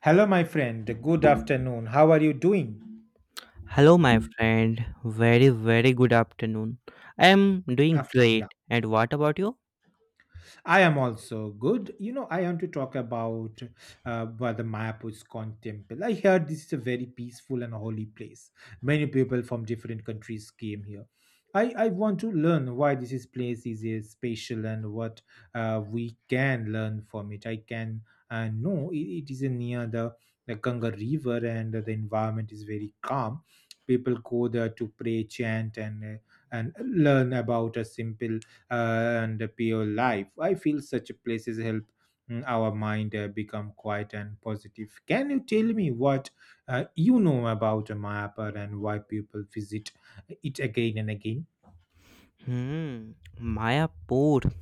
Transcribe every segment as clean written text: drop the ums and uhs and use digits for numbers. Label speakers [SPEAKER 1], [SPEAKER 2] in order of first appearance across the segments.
[SPEAKER 1] Hello, my friend. Good afternoon. How are you doing?
[SPEAKER 2] Hello, my friend. Very, very good afternoon. I am doing
[SPEAKER 1] Afternoon, yeah.
[SPEAKER 2] great. And what about you?
[SPEAKER 1] I am also good. You know, I want to talk about where the Mayapur temple. I heard this is a very peaceful and holy place. Many people from different countries came here. I want to learn why this is place is special and what we can learn from it. I can know it is near the Ganga River, and the environment is very calm. People go there to pray, chant, and and learn about a simple uh, and pure life. I feel such places help our mind become quiet and positive. Can you tell me what you know about a map and why people visit it again and again?
[SPEAKER 2] Hmm, Mayapur.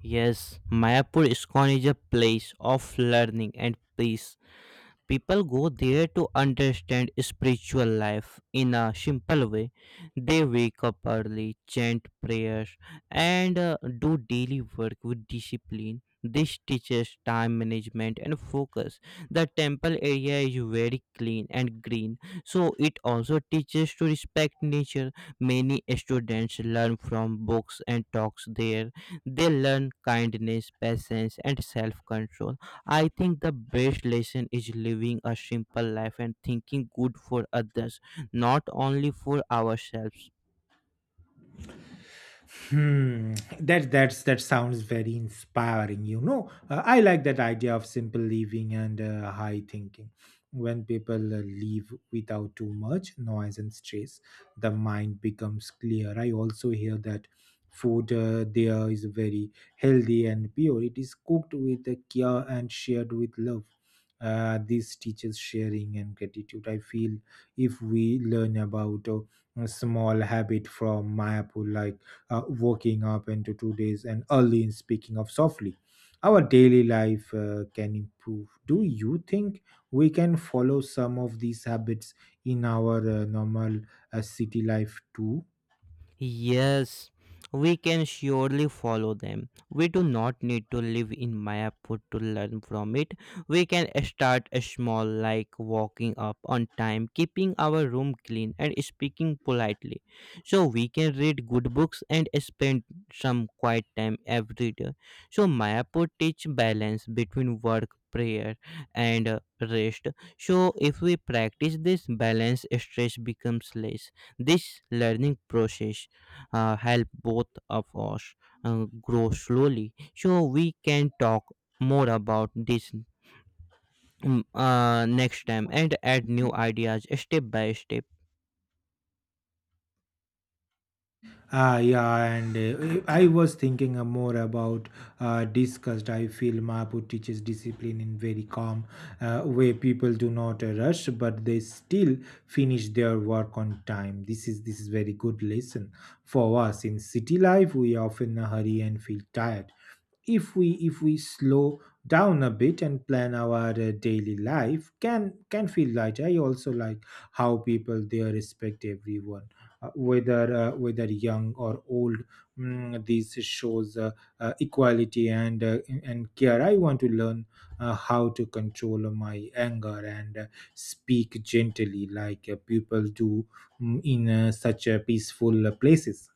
[SPEAKER 2] Yes, Mayapur ISKCON is a place of learning and peace. People go there to understand spiritual life in a simple way. They wake up early, chant prayers, and do daily work with discipline. This teaches time management and focus. The temple area is very clean and green, so it also teaches to respect nature. Many students learn from books and talks there. They learn kindness, patience, and self control. I think the best lesson is living a simple life and thinking good for others, not only for ourselves.
[SPEAKER 1] Hmm. That sounds very inspiring. You know, I like that idea of simple living and high thinking. When people live without too much noise and stress, the mind becomes clear. I also hear that food there is very healthy and pure. It is cooked with care and shared with love. This teaches sharing and gratitude. I feel if we learn about a small habit from Mayapur, like waking up into 2 days and early in speaking of softly. Our daily life can improve. Do you think we can follow some of these habits in our normal city life too?
[SPEAKER 2] Yes, we can surely follow them. We do not need to live in Mayapur to learn from it. We can start small, like walking up on time, keeping our room clean, and speaking politely. So we can read good books and spend some quiet time every day. So Mayapur teach balance between work, prayer, and rest. So if we practice this balance, stress becomes less. This learning process help both of us grow slowly. So we can talk more about this next time and add new ideas step by step.
[SPEAKER 1] Ah, yeah, and I was thinking more about disgust. I feel Mahapu teaches discipline in very calm way. People do not rush, but they still finish their work on time. This is very good lesson for us in city life. We often hurry and feel tired if we slow down a bit and plan our daily life can feel light. I also like how people there respect everyone, whether young or old. This shows equality and and care. I want to learn how to control my anger and speak gently like people do in such peaceful places.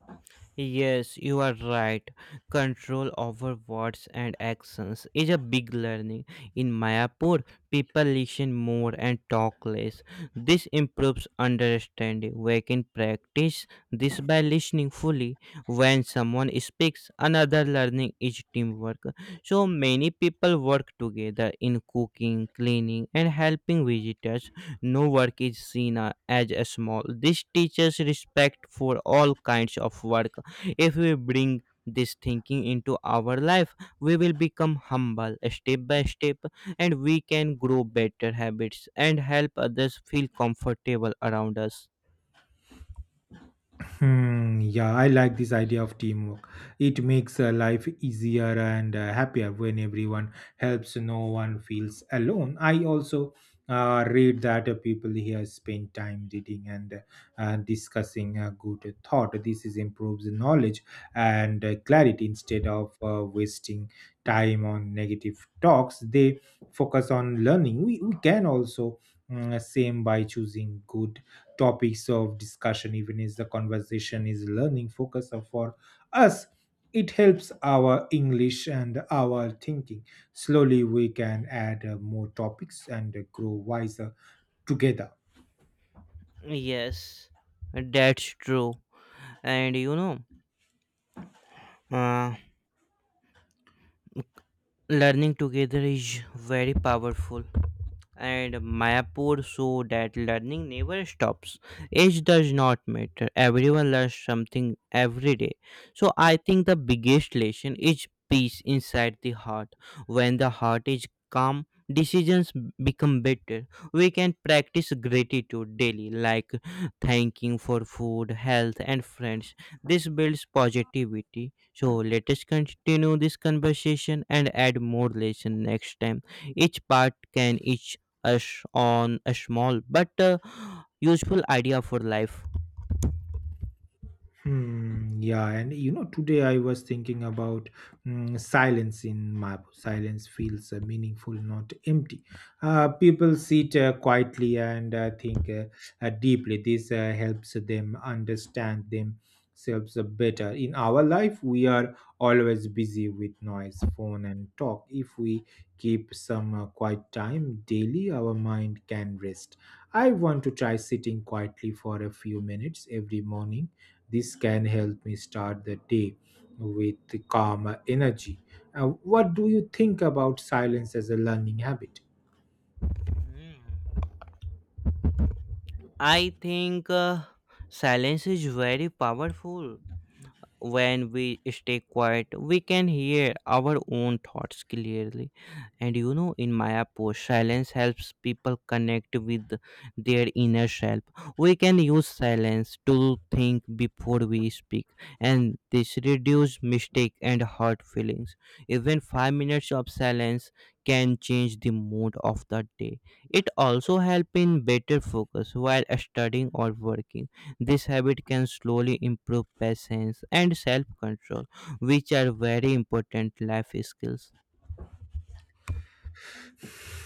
[SPEAKER 2] Yes, you are right. Control over words and actions is a big learning. In Mayapur, people listen more and talk less. This improves understanding. We can practice this by listening fully when someone speaks. Another learning is teamwork. So many people work together in cooking, cleaning, and helping visitors. No work is seen as a small. This teaches respect for all kinds of work. If we bring this thinking into our life, we will become humble step by step, and we can grow better habits and help others feel comfortable around us.
[SPEAKER 1] Hmm, yeah, I like this idea of teamwork. It makes life easier and happier when everyone helps, no one feels alone. I also read that people here spend time reading and discussing a good thought. This is improves knowledge and clarity instead of wasting time on negative talks. They focus on learning. We can also same by choosing good topics of discussion, even if the conversation is learning focus or for us, it helps our English and our thinking. Slowly, we can add more topics and grow wiser together.
[SPEAKER 2] Yes, that's true. And uh, learning together is very powerful, and mayapur show that learning never stops. Age does not matter, everyone learns something every day. So I think the biggest lesson is peace inside the heart. When the heart is calm, decisions become better. We can practice gratitude daily, like thanking for food, health, and friends. This builds positivity. So let us continue this conversation and add more lesson next time. Each part can each us on a small but useful idea for life.
[SPEAKER 1] Hmm, yeah, and you know, today I was thinking about silence in Mabu. Silence feels meaningful, not empty. People sit quietly and think deeply. This helps them understand themselves better. In our life, we are always busy with noise, phone, and talk. If we keep some quiet time daily, our mind can rest. I want to try sitting quietly for a few minutes every morning. This can help me start the day with calmer energy. What do you think about silence as a learning habit?
[SPEAKER 2] I think silence is very powerful. When we stay quiet, we can hear our own thoughts clearly. And you know, in Mayapur, silence helps people connect with their inner self. We can use silence to think before we speak, and this reduce mistake and hurt feelings. Even 5 minutes of silence can change the mood of the day. It also helps in better focus while studying or working. This habit can slowly improve patience and self control, which are very important life skills.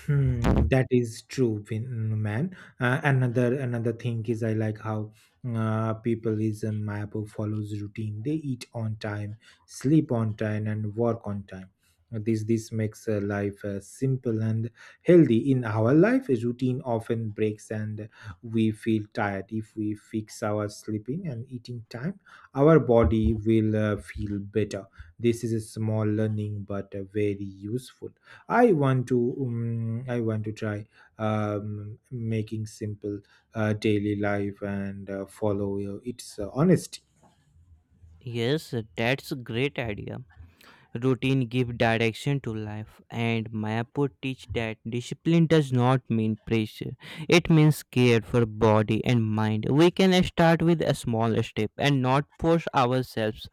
[SPEAKER 1] Hmm, that is true, man. Another thing is I like how people is a map who follows routine. They eat on time, sleep on time, and work on time. This makes life simple and healthy. In our life, a routine often breaks, and we feel tired. If we fix our sleeping and eating time, our body will feel better. This is a small learning, but very useful. I want to try making simple daily life and follow its honesty.
[SPEAKER 2] Yes, that's a great idea. Routine give direction to life, and Mayapur teach that discipline does not mean pressure. It means care for body and mind. We can start with a small step and not force ourselves.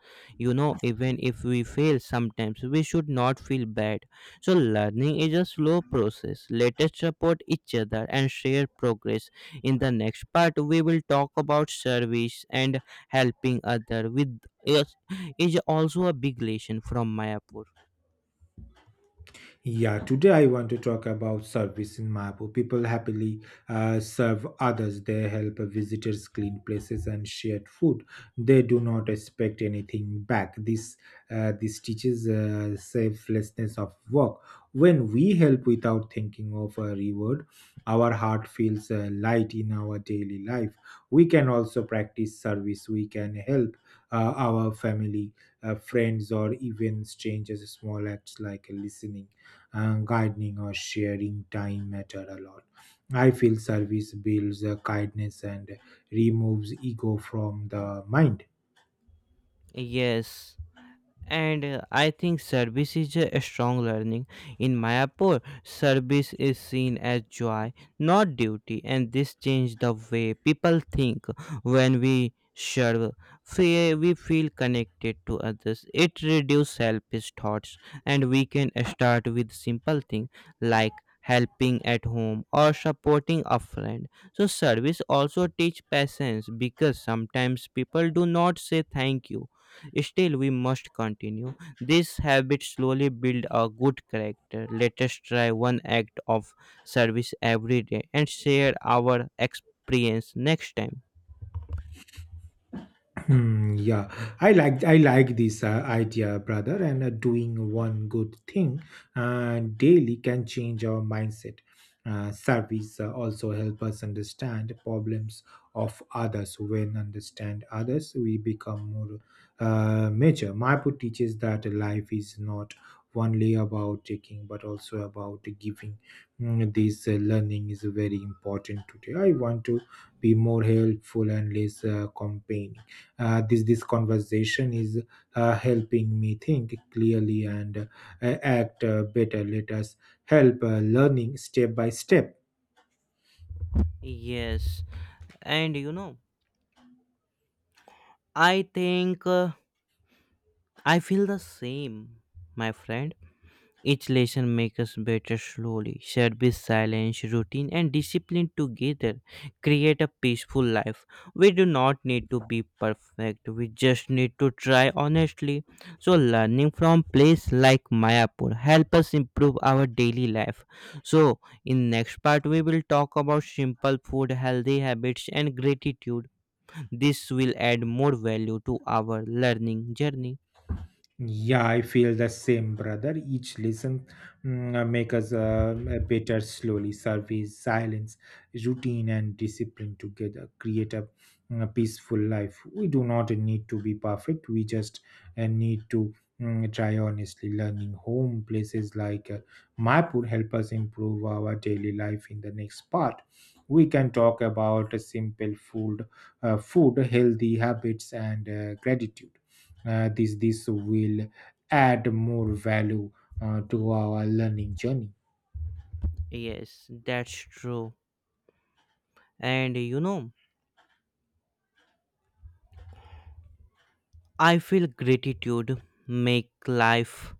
[SPEAKER 2] You know, even if we fail sometimes, we should not feel bad. So learning is a slow process. Let us support each other and share progress. In the next part, we will talk about service, and helping other with is also a big lesson from Mayapur.
[SPEAKER 1] Yeah, today I want to talk about service in Mapu. People happily serve others. They help visitors clean places and share food. They do not expect anything back. This teaches selflessness of work. When we help without thinking of a reward, our heart feels light. In our daily life, we can also practice service. We can help our family, friends, or even strangers. Small acts like listening, gardening, or sharing time matter a lot. I feel service builds kindness and removes ego from the mind.
[SPEAKER 2] Yes, and I think service is a strong learning. In mayapur, service is seen as joy, not duty, and this changed the way people think. When we serve, we feel connected to others. It reduces selfish thoughts, and we can start with simple things, like helping at home or supporting a friend. So service also teach patience, because sometimes people do not say thank you. Still, we must continue. This habit slowly build a good character. Let us try one act of service every day and share our experience next time.
[SPEAKER 1] Hmm, yeah, I like this idea, brother. And doing one good thing daily can change our mindset. Surveys also help us understand problems of others. When understand others, we become more mature. Maipo teaches that life is not only about taking, but also about giving. This learning is very important today. I want to be more helpful and less campaign. This conversation is helping me think clearly and act better. Let us help learning step by step.
[SPEAKER 2] Yes, and you know, I think I feel the same, my friend. Each lesson makes us better slowly. Service, silence, routine, and discipline together create a peaceful life. We do not need to be perfect, we just need to try honestly. So, learning from place like Mayapur help us improve our daily life. So, in next part, we will talk about simple food, healthy habits, and gratitude. This will add more value to our learning journey.
[SPEAKER 1] Yeah, I feel the same, brother. Each lesson make us better slowly. Service, silence, routine, and discipline together create a peaceful life. We do not need to be perfect. We just need to try honestly. Learning home places like Maipur help us improve our daily life. In the next part, we can talk about simple food, food, healthy habits, and gratitude. This will add more value to our learning journey.
[SPEAKER 2] Yes, that's true. And you know, I feel gratitude make life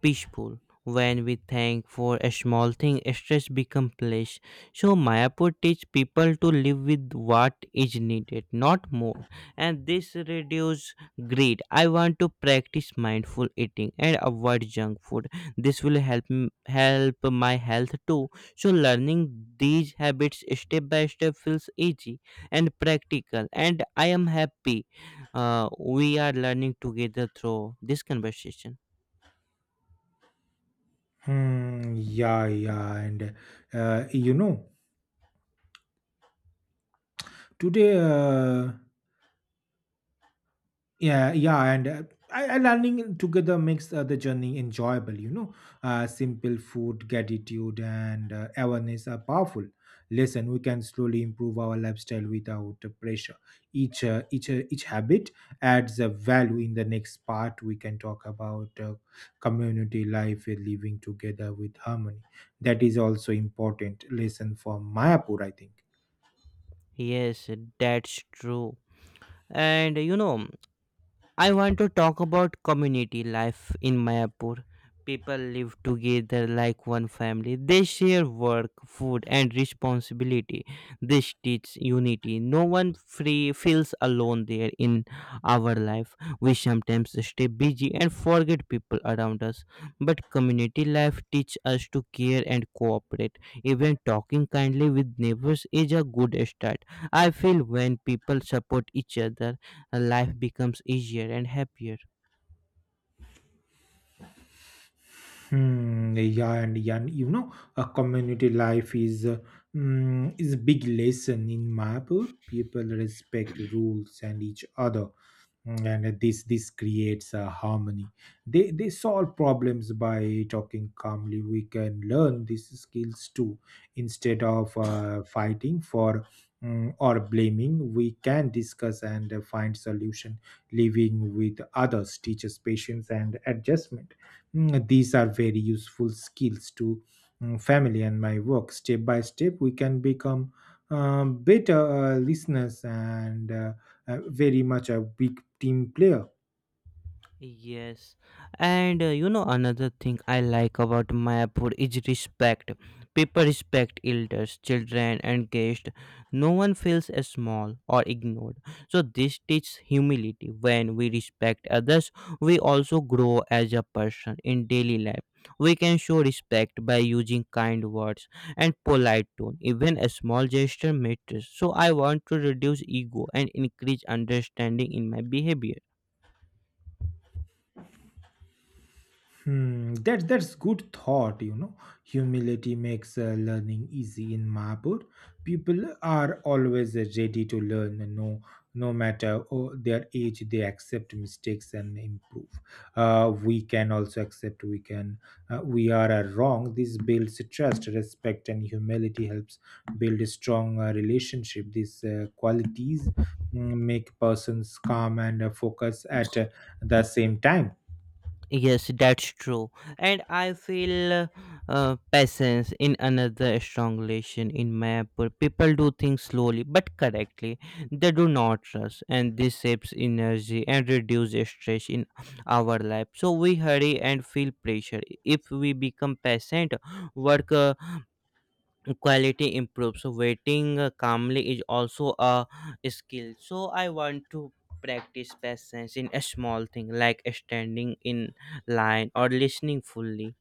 [SPEAKER 2] peaceful. When we thank for a small thing, stress becomes less. So Mayapur teach people to live with what is needed, not more. And this reduce greed. I want to practice mindful eating and avoid junk food. This will help my health too. So learning these habits step by step feels easy and practical. And I am happy. We are learning together through this conversation.
[SPEAKER 1] Hmm, yeah, yeah, and you know, today. Yeah, yeah, and I learning together makes the journey enjoyable. You know, simple food, gratitude, and awareness are powerful. Listen, we can slowly improve our lifestyle without pressure. Each habit adds a value. In the next part, we can talk about community life, living together with harmony. That is also important lesson for Mayapur, I think.
[SPEAKER 2] Yes, that's true. And you know, I want to talk about community life in Mayapur. People live together like one family. They share work, food, and responsibility. This teaches unity. No one free feels alone there in our life. We sometimes stay busy and forget people around us. But community life teaches us to care and cooperate. Even talking kindly with neighbors is a good start. I feel when people support each other, life becomes easier and happier.
[SPEAKER 1] Hmm, yeah, and yeah, and you know, a community life is is a big lesson in Mappur. People respect rules and each other. And this creates a harmony. They solve problems by talking calmly. We can learn these skills too. Instead of fighting for or blaming, we can discuss and find solution. Living with others teaches patience and adjustment. Mm, these are very useful skills to family and my work. Step by step, we can become better listeners and very much a big team player.
[SPEAKER 2] Yes, and you know, another thing I like about Mayapur is respect. People respect elders, children, and guests. No one feels small or ignored. So this teaches humility. When we respect others, we also grow as a person in daily life. We can show respect by using kind words and polite tone. Even a small gesture matters. So I want to reduce ego and increase understanding in my behavior.
[SPEAKER 1] Hmm, that's good thought, you know. Humility makes learning easy in Mahapur. People are always ready to learn, no no matter oh, their age. They accept mistakes and improve. We can also accept we can we are wrong. This builds trust, respect, and humility helps build a strong relationship. These qualities make persons calm and focus at the same time.
[SPEAKER 2] Yes, that's true. And I feel patience in another strong relation in my Apple. People do things slowly but correctly. They do not rush, and this saves energy and reduces stress in our life. So we hurry and feel pressure. If we become patient, work quality improves. So waiting calmly is also a skill. So I want to practice patience in a small thing, like standing in line or listening fully.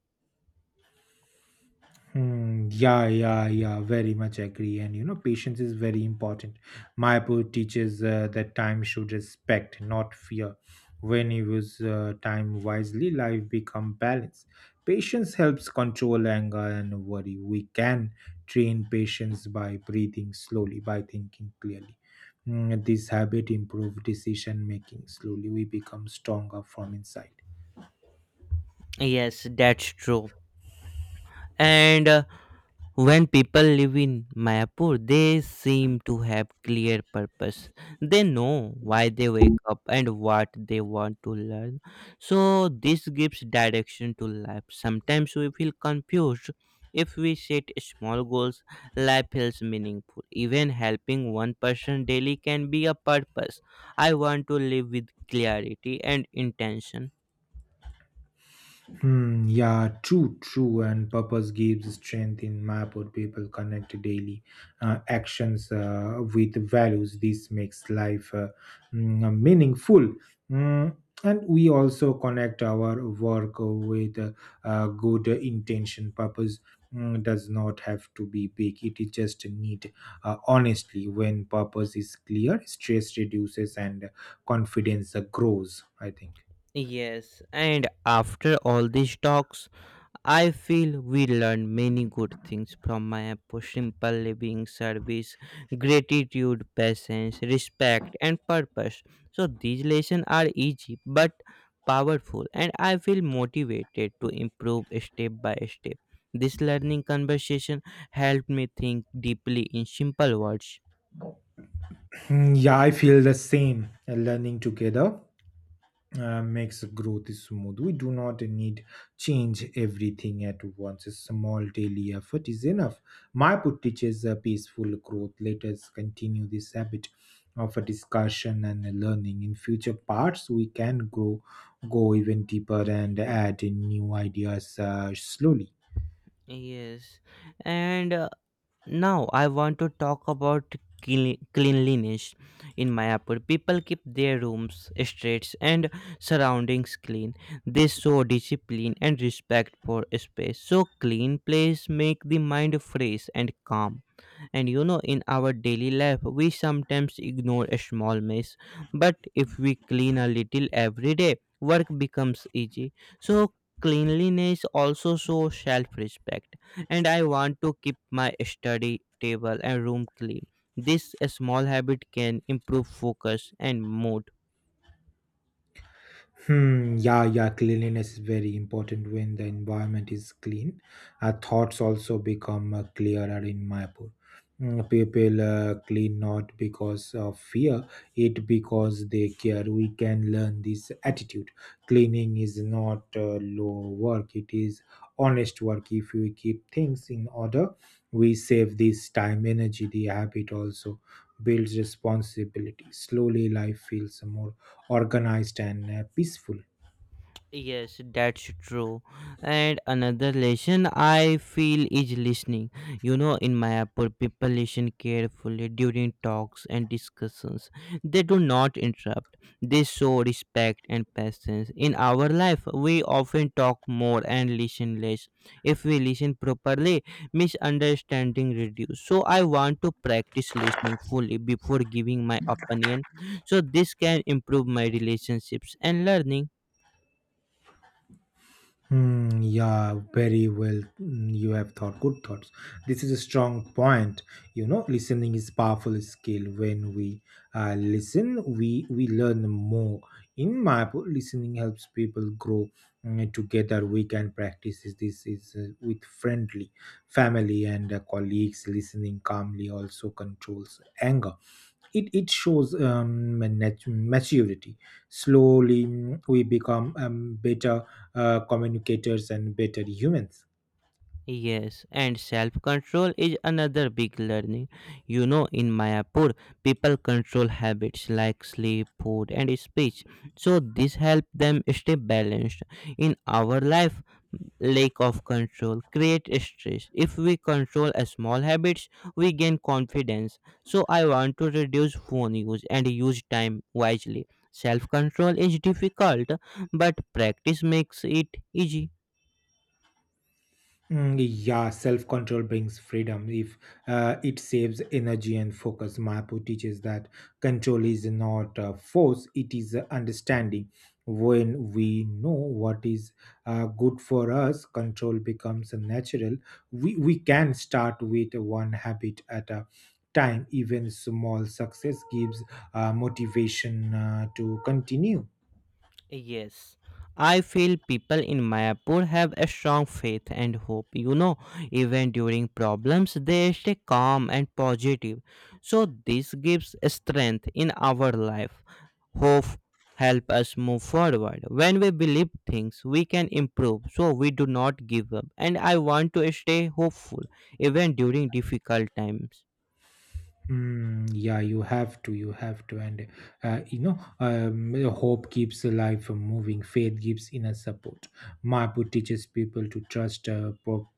[SPEAKER 1] Hmm, yeah, yeah, yeah, very much agree. And you know, patience is very important. Mayapur teaches that time should respect, not fear. When you use time wisely, life become balanced. Patience helps control anger and worry. We can train patience by breathing slowly, by thinking clearly. Hmm, this habit improve decision making slowly. We become stronger from inside.
[SPEAKER 2] Yes, that's true. And when people live in Mayapur, they seem to have clear purpose. They know why they wake up and what they want to learn. So this gives direction to life. Sometimes we feel confused. If we set small goals, life feels meaningful. Even helping one person daily can be a purpose. I want to live with clarity and intention.
[SPEAKER 1] Hmm, yeah, true, true. And purpose gives strength in map or people connect daily actions with values. This makes life meaningful. Mm, and we also connect our work with good intention. Purpose does not have to be big, it is just need. Honestly, when purpose is clear, stress reduces and confidence grows, I think.
[SPEAKER 2] Yes, and after all these talks, I feel we learn many good things from Mayapur: simple living, service, gratitude, patience, respect, and purpose. So, these lessons are easy but powerful, and I feel motivated to improve step by step. This learning conversation helped me think deeply in simple words.
[SPEAKER 1] Mm, yeah, I feel the same. Learning together makes growth smooth. We do not need change everything at once. A small daily effort is enough. My put teaches a peaceful growth. Let us continue this habit of a discussion and a learning. In future parts, we can grow, go even deeper and add in new ideas slowly.
[SPEAKER 2] Yes, and now I want to talk about cleanliness in mayapur. People keep their rooms, streets, and surroundings clean. They show discipline and respect for space. So clean place make the mind fresh and calm. And you know, in our daily life, we sometimes ignore a small mess, but if we clean a little every day, work becomes easy. So, cleanliness also shows self respect. And I want to keep my study table and room clean. This small habit can improve focus and mood.
[SPEAKER 1] Hmm, yeah, yeah, cleanliness is very important when the environment is clean. Our thoughts also become clearer in Mayapur. Mm, people clean not because of fear, it because they care. We can learn this attitude. Cleaning is not low work, it is honest work. If we keep things in order, we save this time, energy. The habit also builds responsibility. Slowly, life feels more organized and peaceful.
[SPEAKER 2] Yes, that's true. And another lesson I feel is listening. You know, in my Apple, people listen carefully during talks and discussions. They do not interrupt. They show respect and patience. In our life, we often talk more and listen less. If we listen properly, misunderstanding reduce. So I want to practice listening fully before giving my opinion. So this can improve my relationships and learning.
[SPEAKER 1] Hmm, yeah, very well. You have thought good thoughts. This is a strong point. You know, listening is powerful skill. When we listen, we learn more. In my book, listening helps people grow together. We can practice this this is with friendly family and colleagues. Listening calmly also controls anger, it shows maturity. Slowly we become better communicators and better humans.
[SPEAKER 2] Yes, and self control is another big learning. You know, in Mayapur, people control habits like sleep, food, and speech. So, this helps them stay balanced. In our life, lack of control creates stress. If we control a small habits, we gain confidence. So, I want to reduce phone use and use time wisely. Self control is difficult, but practice makes it easy.
[SPEAKER 1] Yeah, self control brings freedom. If It saves energy and focus. Mapu teaches that control is not a force, it is a understanding. When we know what is good for us, control becomes natural. We can start with one habit at a time. Even small success gives motivation to continue.
[SPEAKER 2] Yes, I feel people in Mayapur have a strong faith and hope. You know, even during problems, they stay calm and positive. So, this gives strength in our life. Hope help us move forward. When we believe things, we can improve. So, we do not give up. And I want to stay hopeful even during difficult times.
[SPEAKER 1] Yeah, you have to, and hope keeps life moving. Faith gives inner support. Mapu teaches people to trust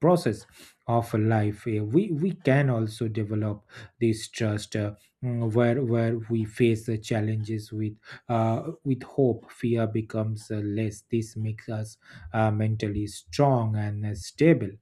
[SPEAKER 1] process of life. We can also develop this trust where we face the challenges with hope. Fear becomes less. This makes us mentally strong and stable.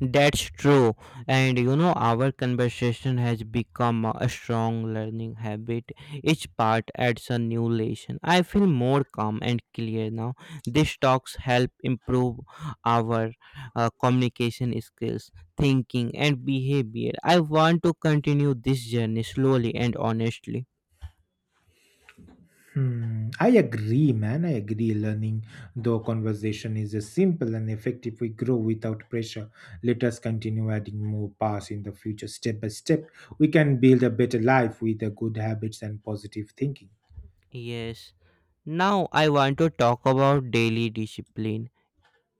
[SPEAKER 2] That's true. And you know, our conversation has become a strong learning habit. Each part adds a new lesson. I feel more calm and clear now. These talks help improve our communication skills, thinking, and behavior. I want to continue this journey slowly and honestly.
[SPEAKER 1] Hmm, I agree, man. I agree. Learning, though, conversation is a simple and effective. We grow without pressure. Let us continue adding more paths in the future, step by step. We can build a better life with the good habits and positive thinking.
[SPEAKER 2] Yes. Now I want to talk about daily discipline.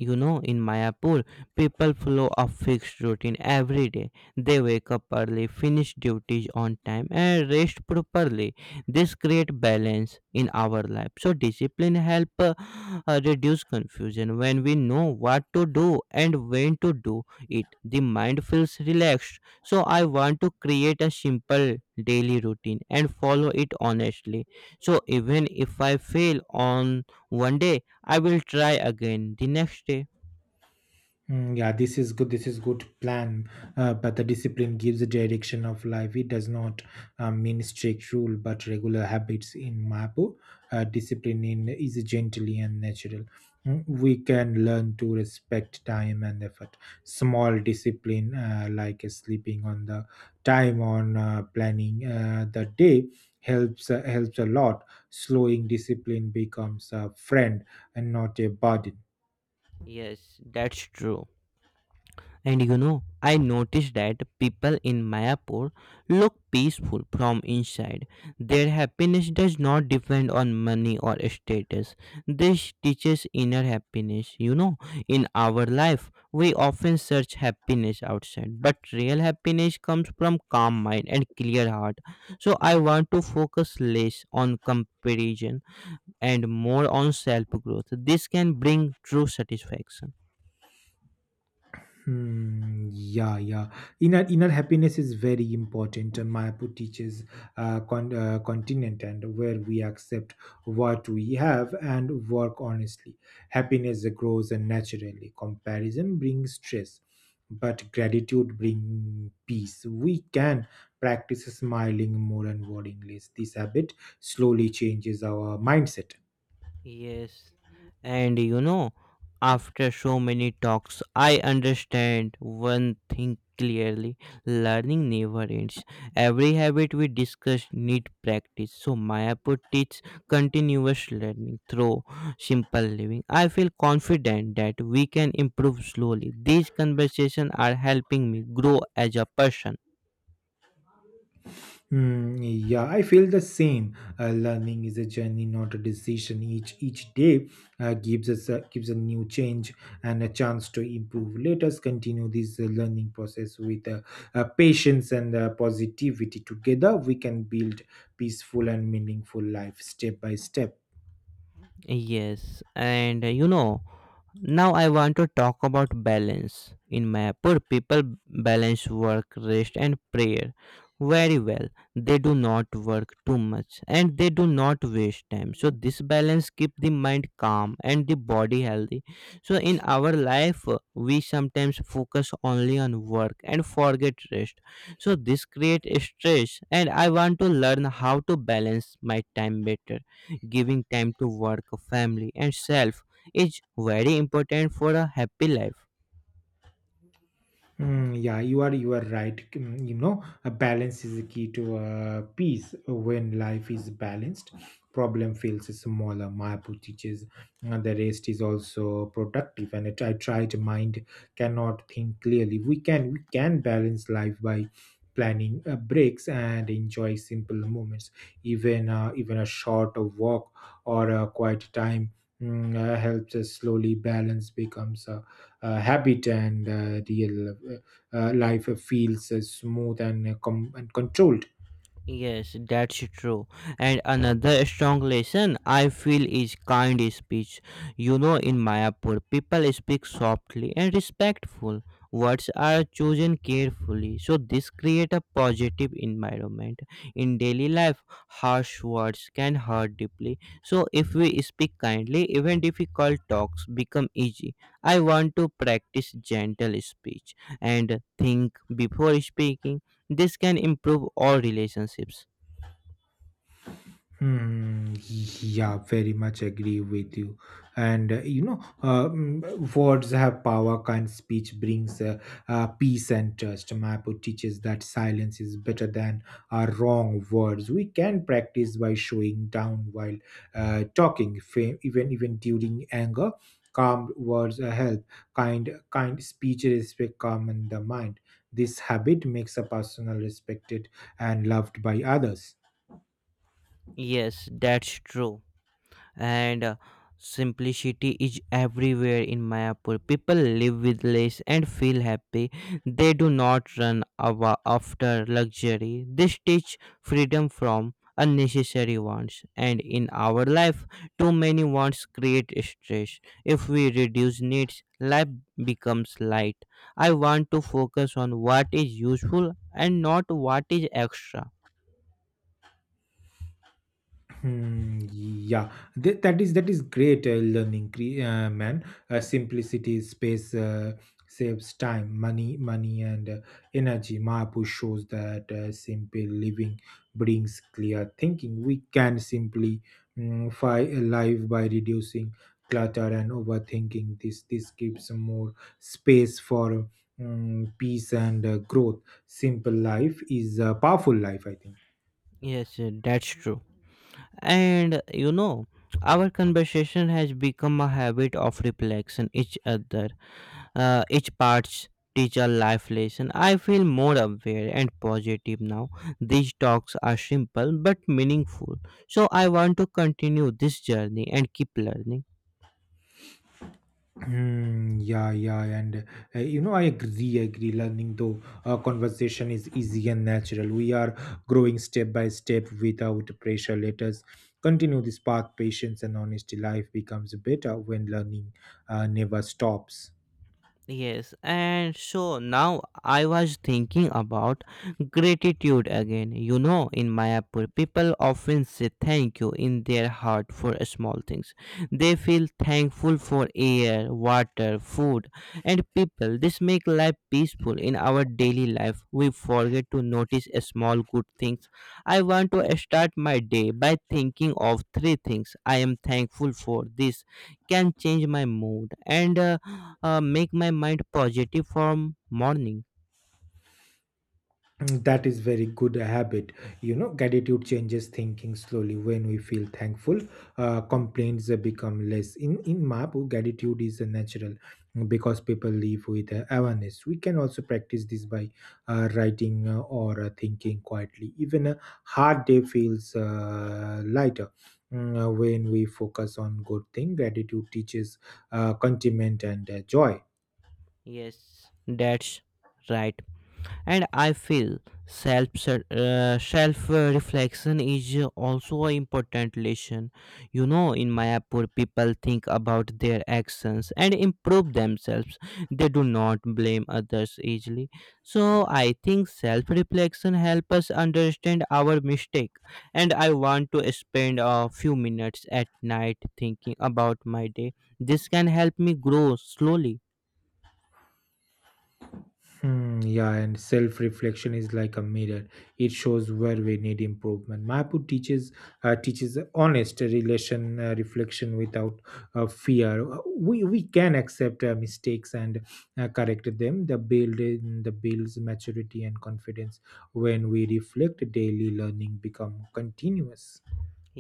[SPEAKER 2] You know, in Mayapur, people follow a fixed routine every day. They wake up early, finish duties on time, and rest properly. This creates balance in our life. So, discipline helps reduce confusion. When we know what to do and when to do it, the mind feels relaxed. So, I want to create a simple daily routine and follow it honestly. So, even if I fail on one day, I will try again the next day.
[SPEAKER 1] Yeah, this is good. This is good plan. But the discipline gives the direction of life. It does not mean strict rule, but regular habits. In Mapu, discipline is gently and natural. We can learn to respect time and effort. Small discipline, like sleeping on the time on planning the day, helps a lot. Slowing discipline becomes a friend and not a burden.
[SPEAKER 2] Yes, that's true. And you know, I noticed that people in Mayapur look peaceful from inside. Their happiness does not depend on money or status. This teaches inner happiness. You know, in our life, we often search happiness outside, but real happiness comes from calm mind and clear heart. So I want to focus less on comparison and more on self growth. This can bring true satisfaction.
[SPEAKER 1] Hmm, yeah, yeah. Inner happiness is very important. And Mayapur teaches continent and where we accept what we have and work honestly. Happiness grows naturally. Comparison brings stress, but gratitude brings peace. We can practice smiling more and worrying less. This habit slowly changes our mindset.
[SPEAKER 2] Yes, and you know, after so many talks, I understand one thing clearly learning never ends. Every habit we discuss need practice. So, Mayapur teaches continuous learning through simple living. I feel confident that we can improve slowly. These conversations are helping me grow as a person.
[SPEAKER 1] Hmm, yeah, I feel the same. Learning is a journey, not a decision. Each day gives a new change and a chance to improve. Let us continue this learning process with patience and positivity. Together, we can build peaceful and meaningful life, step by step.
[SPEAKER 2] Yes, and you know, now I want to talk about balance. In Mayapur, people balance work, rest, and prayer very well. They do not work too much and they do not waste time. So this balance keep the mind calm and the body healthy. So in our life, we sometimes focus only on work and forget rest. So this create stress, and I want to learn how to balance my time better, giving time to work, family, and self is very important for a happy life.
[SPEAKER 1] Yeah, you are right. You know, a balance is the key to peace. When life is balanced, problem feels smaller. Mahapu teaches the rest is also productive, and it, I try to mind cannot think clearly. We can balance life by planning breaks and enjoy simple moments. Even a short walk or a quiet time helps us slowly balance becomes. Habit and real life feels smooth and, and controlled.
[SPEAKER 2] Yes, that's true. And another strong lesson I feel is kind speech. You know, in Mayapur, people speak softly and respectful. Words are chosen carefully, so this create a positive environment. In daily life, harsh words can hurt deeply. So if we speak kindly, even difficult talks become easy. I want to practice gentle speech and think before speaking. This can improve all relationships.
[SPEAKER 1] Hmm, yeah, very much agree with you. And you know, words have power. Kind speech brings peace and trust. Mapo teaches that silence is better than our wrong words. We can practice by showing down while talking, even during anger. Calm words help. Kind speech respect calm in the mind. This habit makes a person respected and loved by others.
[SPEAKER 2] Yes, that's true. And simplicity is everywhere in Mayapur. People live with less and feel happy. They do not after luxury. They teach freedom from unnecessary wants. And in our life, too many wants create stress. If we reduce needs, life becomes light. I want to focus on what is useful and not what is extra.
[SPEAKER 1] Hmm, yeah, that is great learning, man. Simplicity, space saves time, money and energy. Mahapu shows that simple living brings clear thinking. We can simply life by reducing clutter and overthinking. This gives more space for peace and growth. Simple life is a powerful life, I think.
[SPEAKER 2] Yes, that's true. And you know, our conversation has become a habit of reflection each other. Each parts teach a life lesson. I feel more aware and positive now. These talks are simple but meaningful. So I want to continue this journey and keep learning.
[SPEAKER 1] Yeah, yeah, and you know, I agree. Learning though, conversation is easy and natural. We are growing step by step without pressure. Let us continue this path. Patience and honesty. Life becomes better when learning never stops.
[SPEAKER 2] Yes, and so now I was thinking about gratitude again. You know, in Mayapur, people often say thank you in their heart for small things. They feel thankful for air, water, food, and people. This makes life peaceful in our daily life. We forget to notice small good things. I want to start my day by thinking of three things I am thankful for. This can change my mood and make my mind positive from morning.
[SPEAKER 1] That is very good habit. You know, gratitude changes thinking slowly. When we feel thankful, complaints become less. In Mapu, gratitude is natural because people live with awareness. We can also practice this by writing or thinking quietly. Even a hard day feels lighter. When we focus on good thing, gratitude teaches contentment and joy.
[SPEAKER 2] Yes, that's right. And I feel self reflection is also an important lesson. You know, in Mayapur people think about their actions and improve themselves. They do not blame others easily. So I think self reflection help us understand our mistake, and I want to spend a few minutes at night thinking about my day. This can help me grow slowly.
[SPEAKER 1] Hmm, yeah, and self reflection is like a mirror. It shows where we need improvement. Mapu teaches teaches honest relation reflection without fear. We can accept mistakes and correct them. The builds maturity and confidence. When we reflect daily, learning become continuous.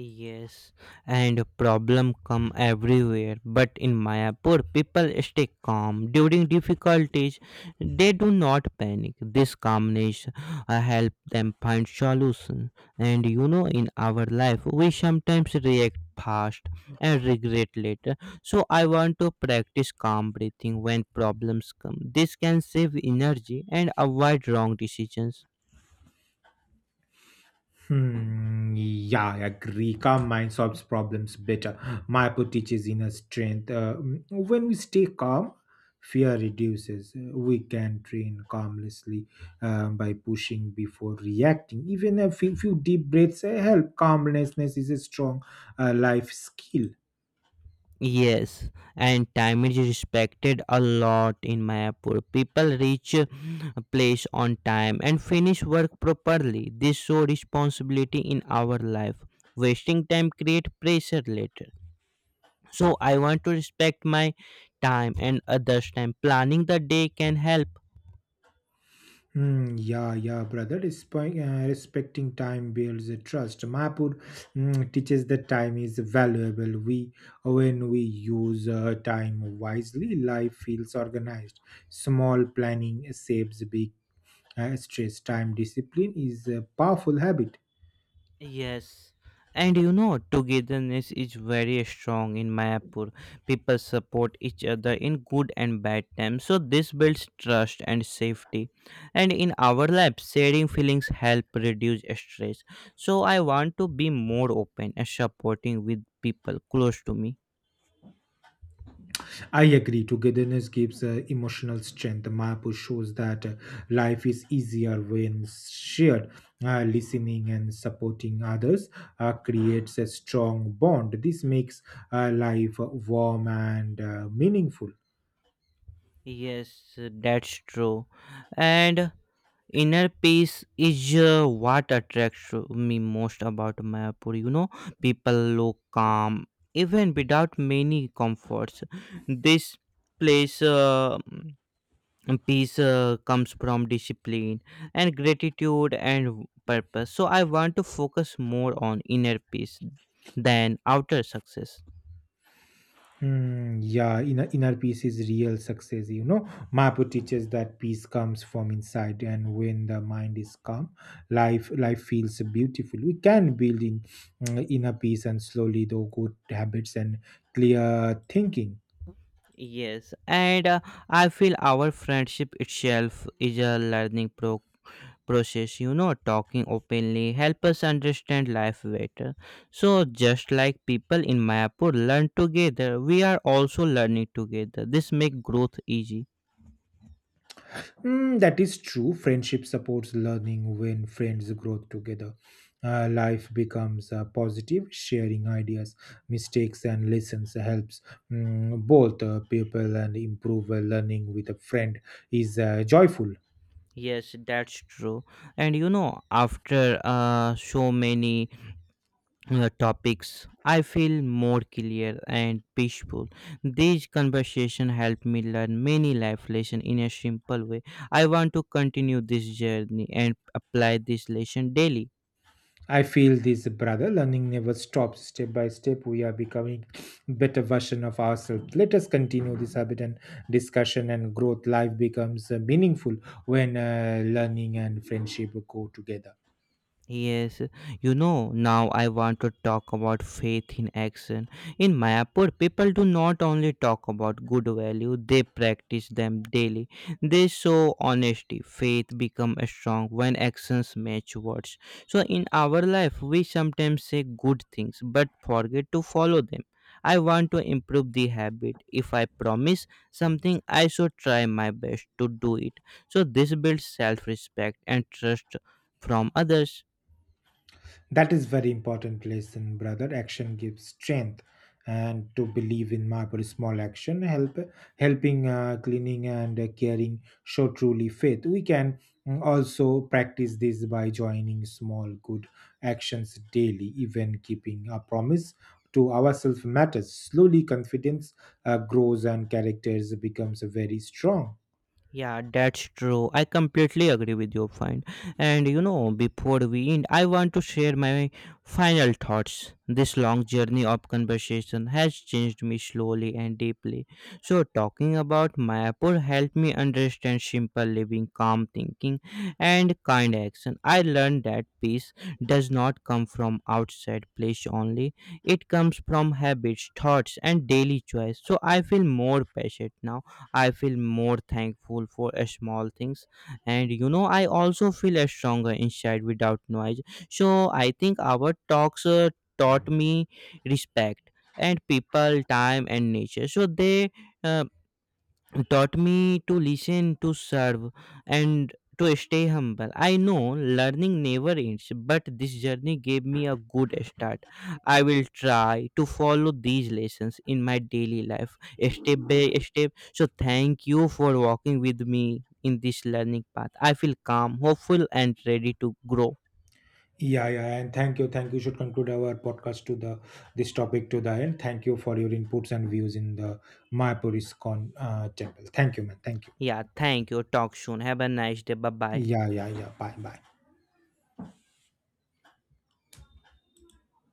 [SPEAKER 2] Yes, and problem come everywhere. But in Mayapur, people stay calm during difficulties. They do not panic. This calmness help them find solution. And you know, in our life, we sometimes react fast and regret later. So I want to practice calm breathing when problems come. This can save energy and avoid wrong decisions.
[SPEAKER 1] Hmm, yeah, I agree. Calm mind solves problems better. Mayapo teaches inner strength. When we stay calm, fear reduces. We can train calmlessly by pushing before reacting. Even a few deep breaths help. Calmlessness is a strong life skill.
[SPEAKER 2] Yes, and time is respected a lot in Mayapur. People reach a place on time and finish work properly. This show responsibility in our life. Wasting time create pressure later. So I want to respect my time and others' time. Planning the day can help.
[SPEAKER 1] Yeah, yeah, brother. Respecting time builds a trust. Mahapur teaches that time is valuable. When we use time wisely, life feels organized. Small planning saves big stress. Time discipline is a powerful habit.
[SPEAKER 2] Yes, and you know, togetherness is very strong in Mayapur. People support each other in good and bad times, so this builds trust and safety. And in our lives, sharing feelings help reduce stress. So I want to be more open and supporting with people close to me.
[SPEAKER 1] I agree. Togetherness gives emotional strength. The map shows that life is easier when shared. Listening and supporting others creates a strong bond. This makes life warm and meaningful.
[SPEAKER 2] Yes, that's true. And inner peace is what attracts me most about Mayapur. You know, people look calm even without many comforts. This place. Peace comes from discipline and gratitude and purpose. So I want to focus more on inner peace than outer success.
[SPEAKER 1] Hmm, yeah, inner peace is real success. You know, Mapu teaches that peace comes from inside, and when the mind is calm, life feels beautiful. We can build in inner peace and slowly, though, good habits and clear thinking.
[SPEAKER 2] Yes, and I feel our friendship itself is a process. You know, talking openly help us understand life better. So just like people in Mayapur learn together, we are also learning together. This make growth easy.
[SPEAKER 1] That is true. Friendship supports learning when friends grow together. Life becomes positive. Sharing ideas, mistakes, and lessons helps both people and improve learning with a friend is joyful.
[SPEAKER 2] Yes, that's true. And you know, after so many topics, I feel more clear and peaceful. These conversation help me learn many life lessons in a simple way. I want to continue this journey and apply this lesson daily.
[SPEAKER 1] I feel this, brother. Learning never stops. Step by step, we are becoming better version of ourselves. Let us continue this habit and discussion and growth. Life becomes meaningful when learning and friendship go together.
[SPEAKER 2] Yes, you know, now I want to talk about faith in action. In Mayapur, people do not only talk about good value, they practice them daily. They show honesty. Faith become strong when actions match words. So in our life, we sometimes say good things but forget to follow them. I want to improve the habit. If I promise something, I should try my best to do it. So this builds self-respect and trust from others.
[SPEAKER 1] That is very important lesson, brother. Action gives strength, and to believe in my very small action, helping, cleaning, and caring show truly faith. We can also practice this by joining small good actions daily. Even keeping a promise to ourselves matters. Slowly, confidence grows and characters becomes very strong.
[SPEAKER 2] Yeah, that's true. I completely agree with your point. And you know, before we end, I want to share my final thoughts. This long journey of conversation has changed me slowly and deeply. So, talking about Mayapur helped me understand simple living, calm thinking, and kind action. I learned that peace does not come from outside place only, it comes from habits, thoughts, and daily choice. So, I feel more patient now. I feel more thankful for small things. And you know, I also feel stronger inside without noise. So I think our talks taught me respect and people, time, and nature. So they. Uh, Taught me to listen, to serve, and to stay humble. I know learning never ends, but this journey gave me a good start. I will try to follow these lessons in my daily life, step by step. So, thank you for walking with me in this learning path. I feel calm, hopeful, and ready to grow.
[SPEAKER 1] Yeah, yeah, and thank you. Should conclude our podcast to the this topic to the end. Thank you for your inputs and views in the Mayapuris con temple. Thank you, man. Thank you.
[SPEAKER 2] Yeah, thank you. Talk soon. Have a nice day. Bye bye.
[SPEAKER 1] Yeah, yeah, yeah. Bye, bye.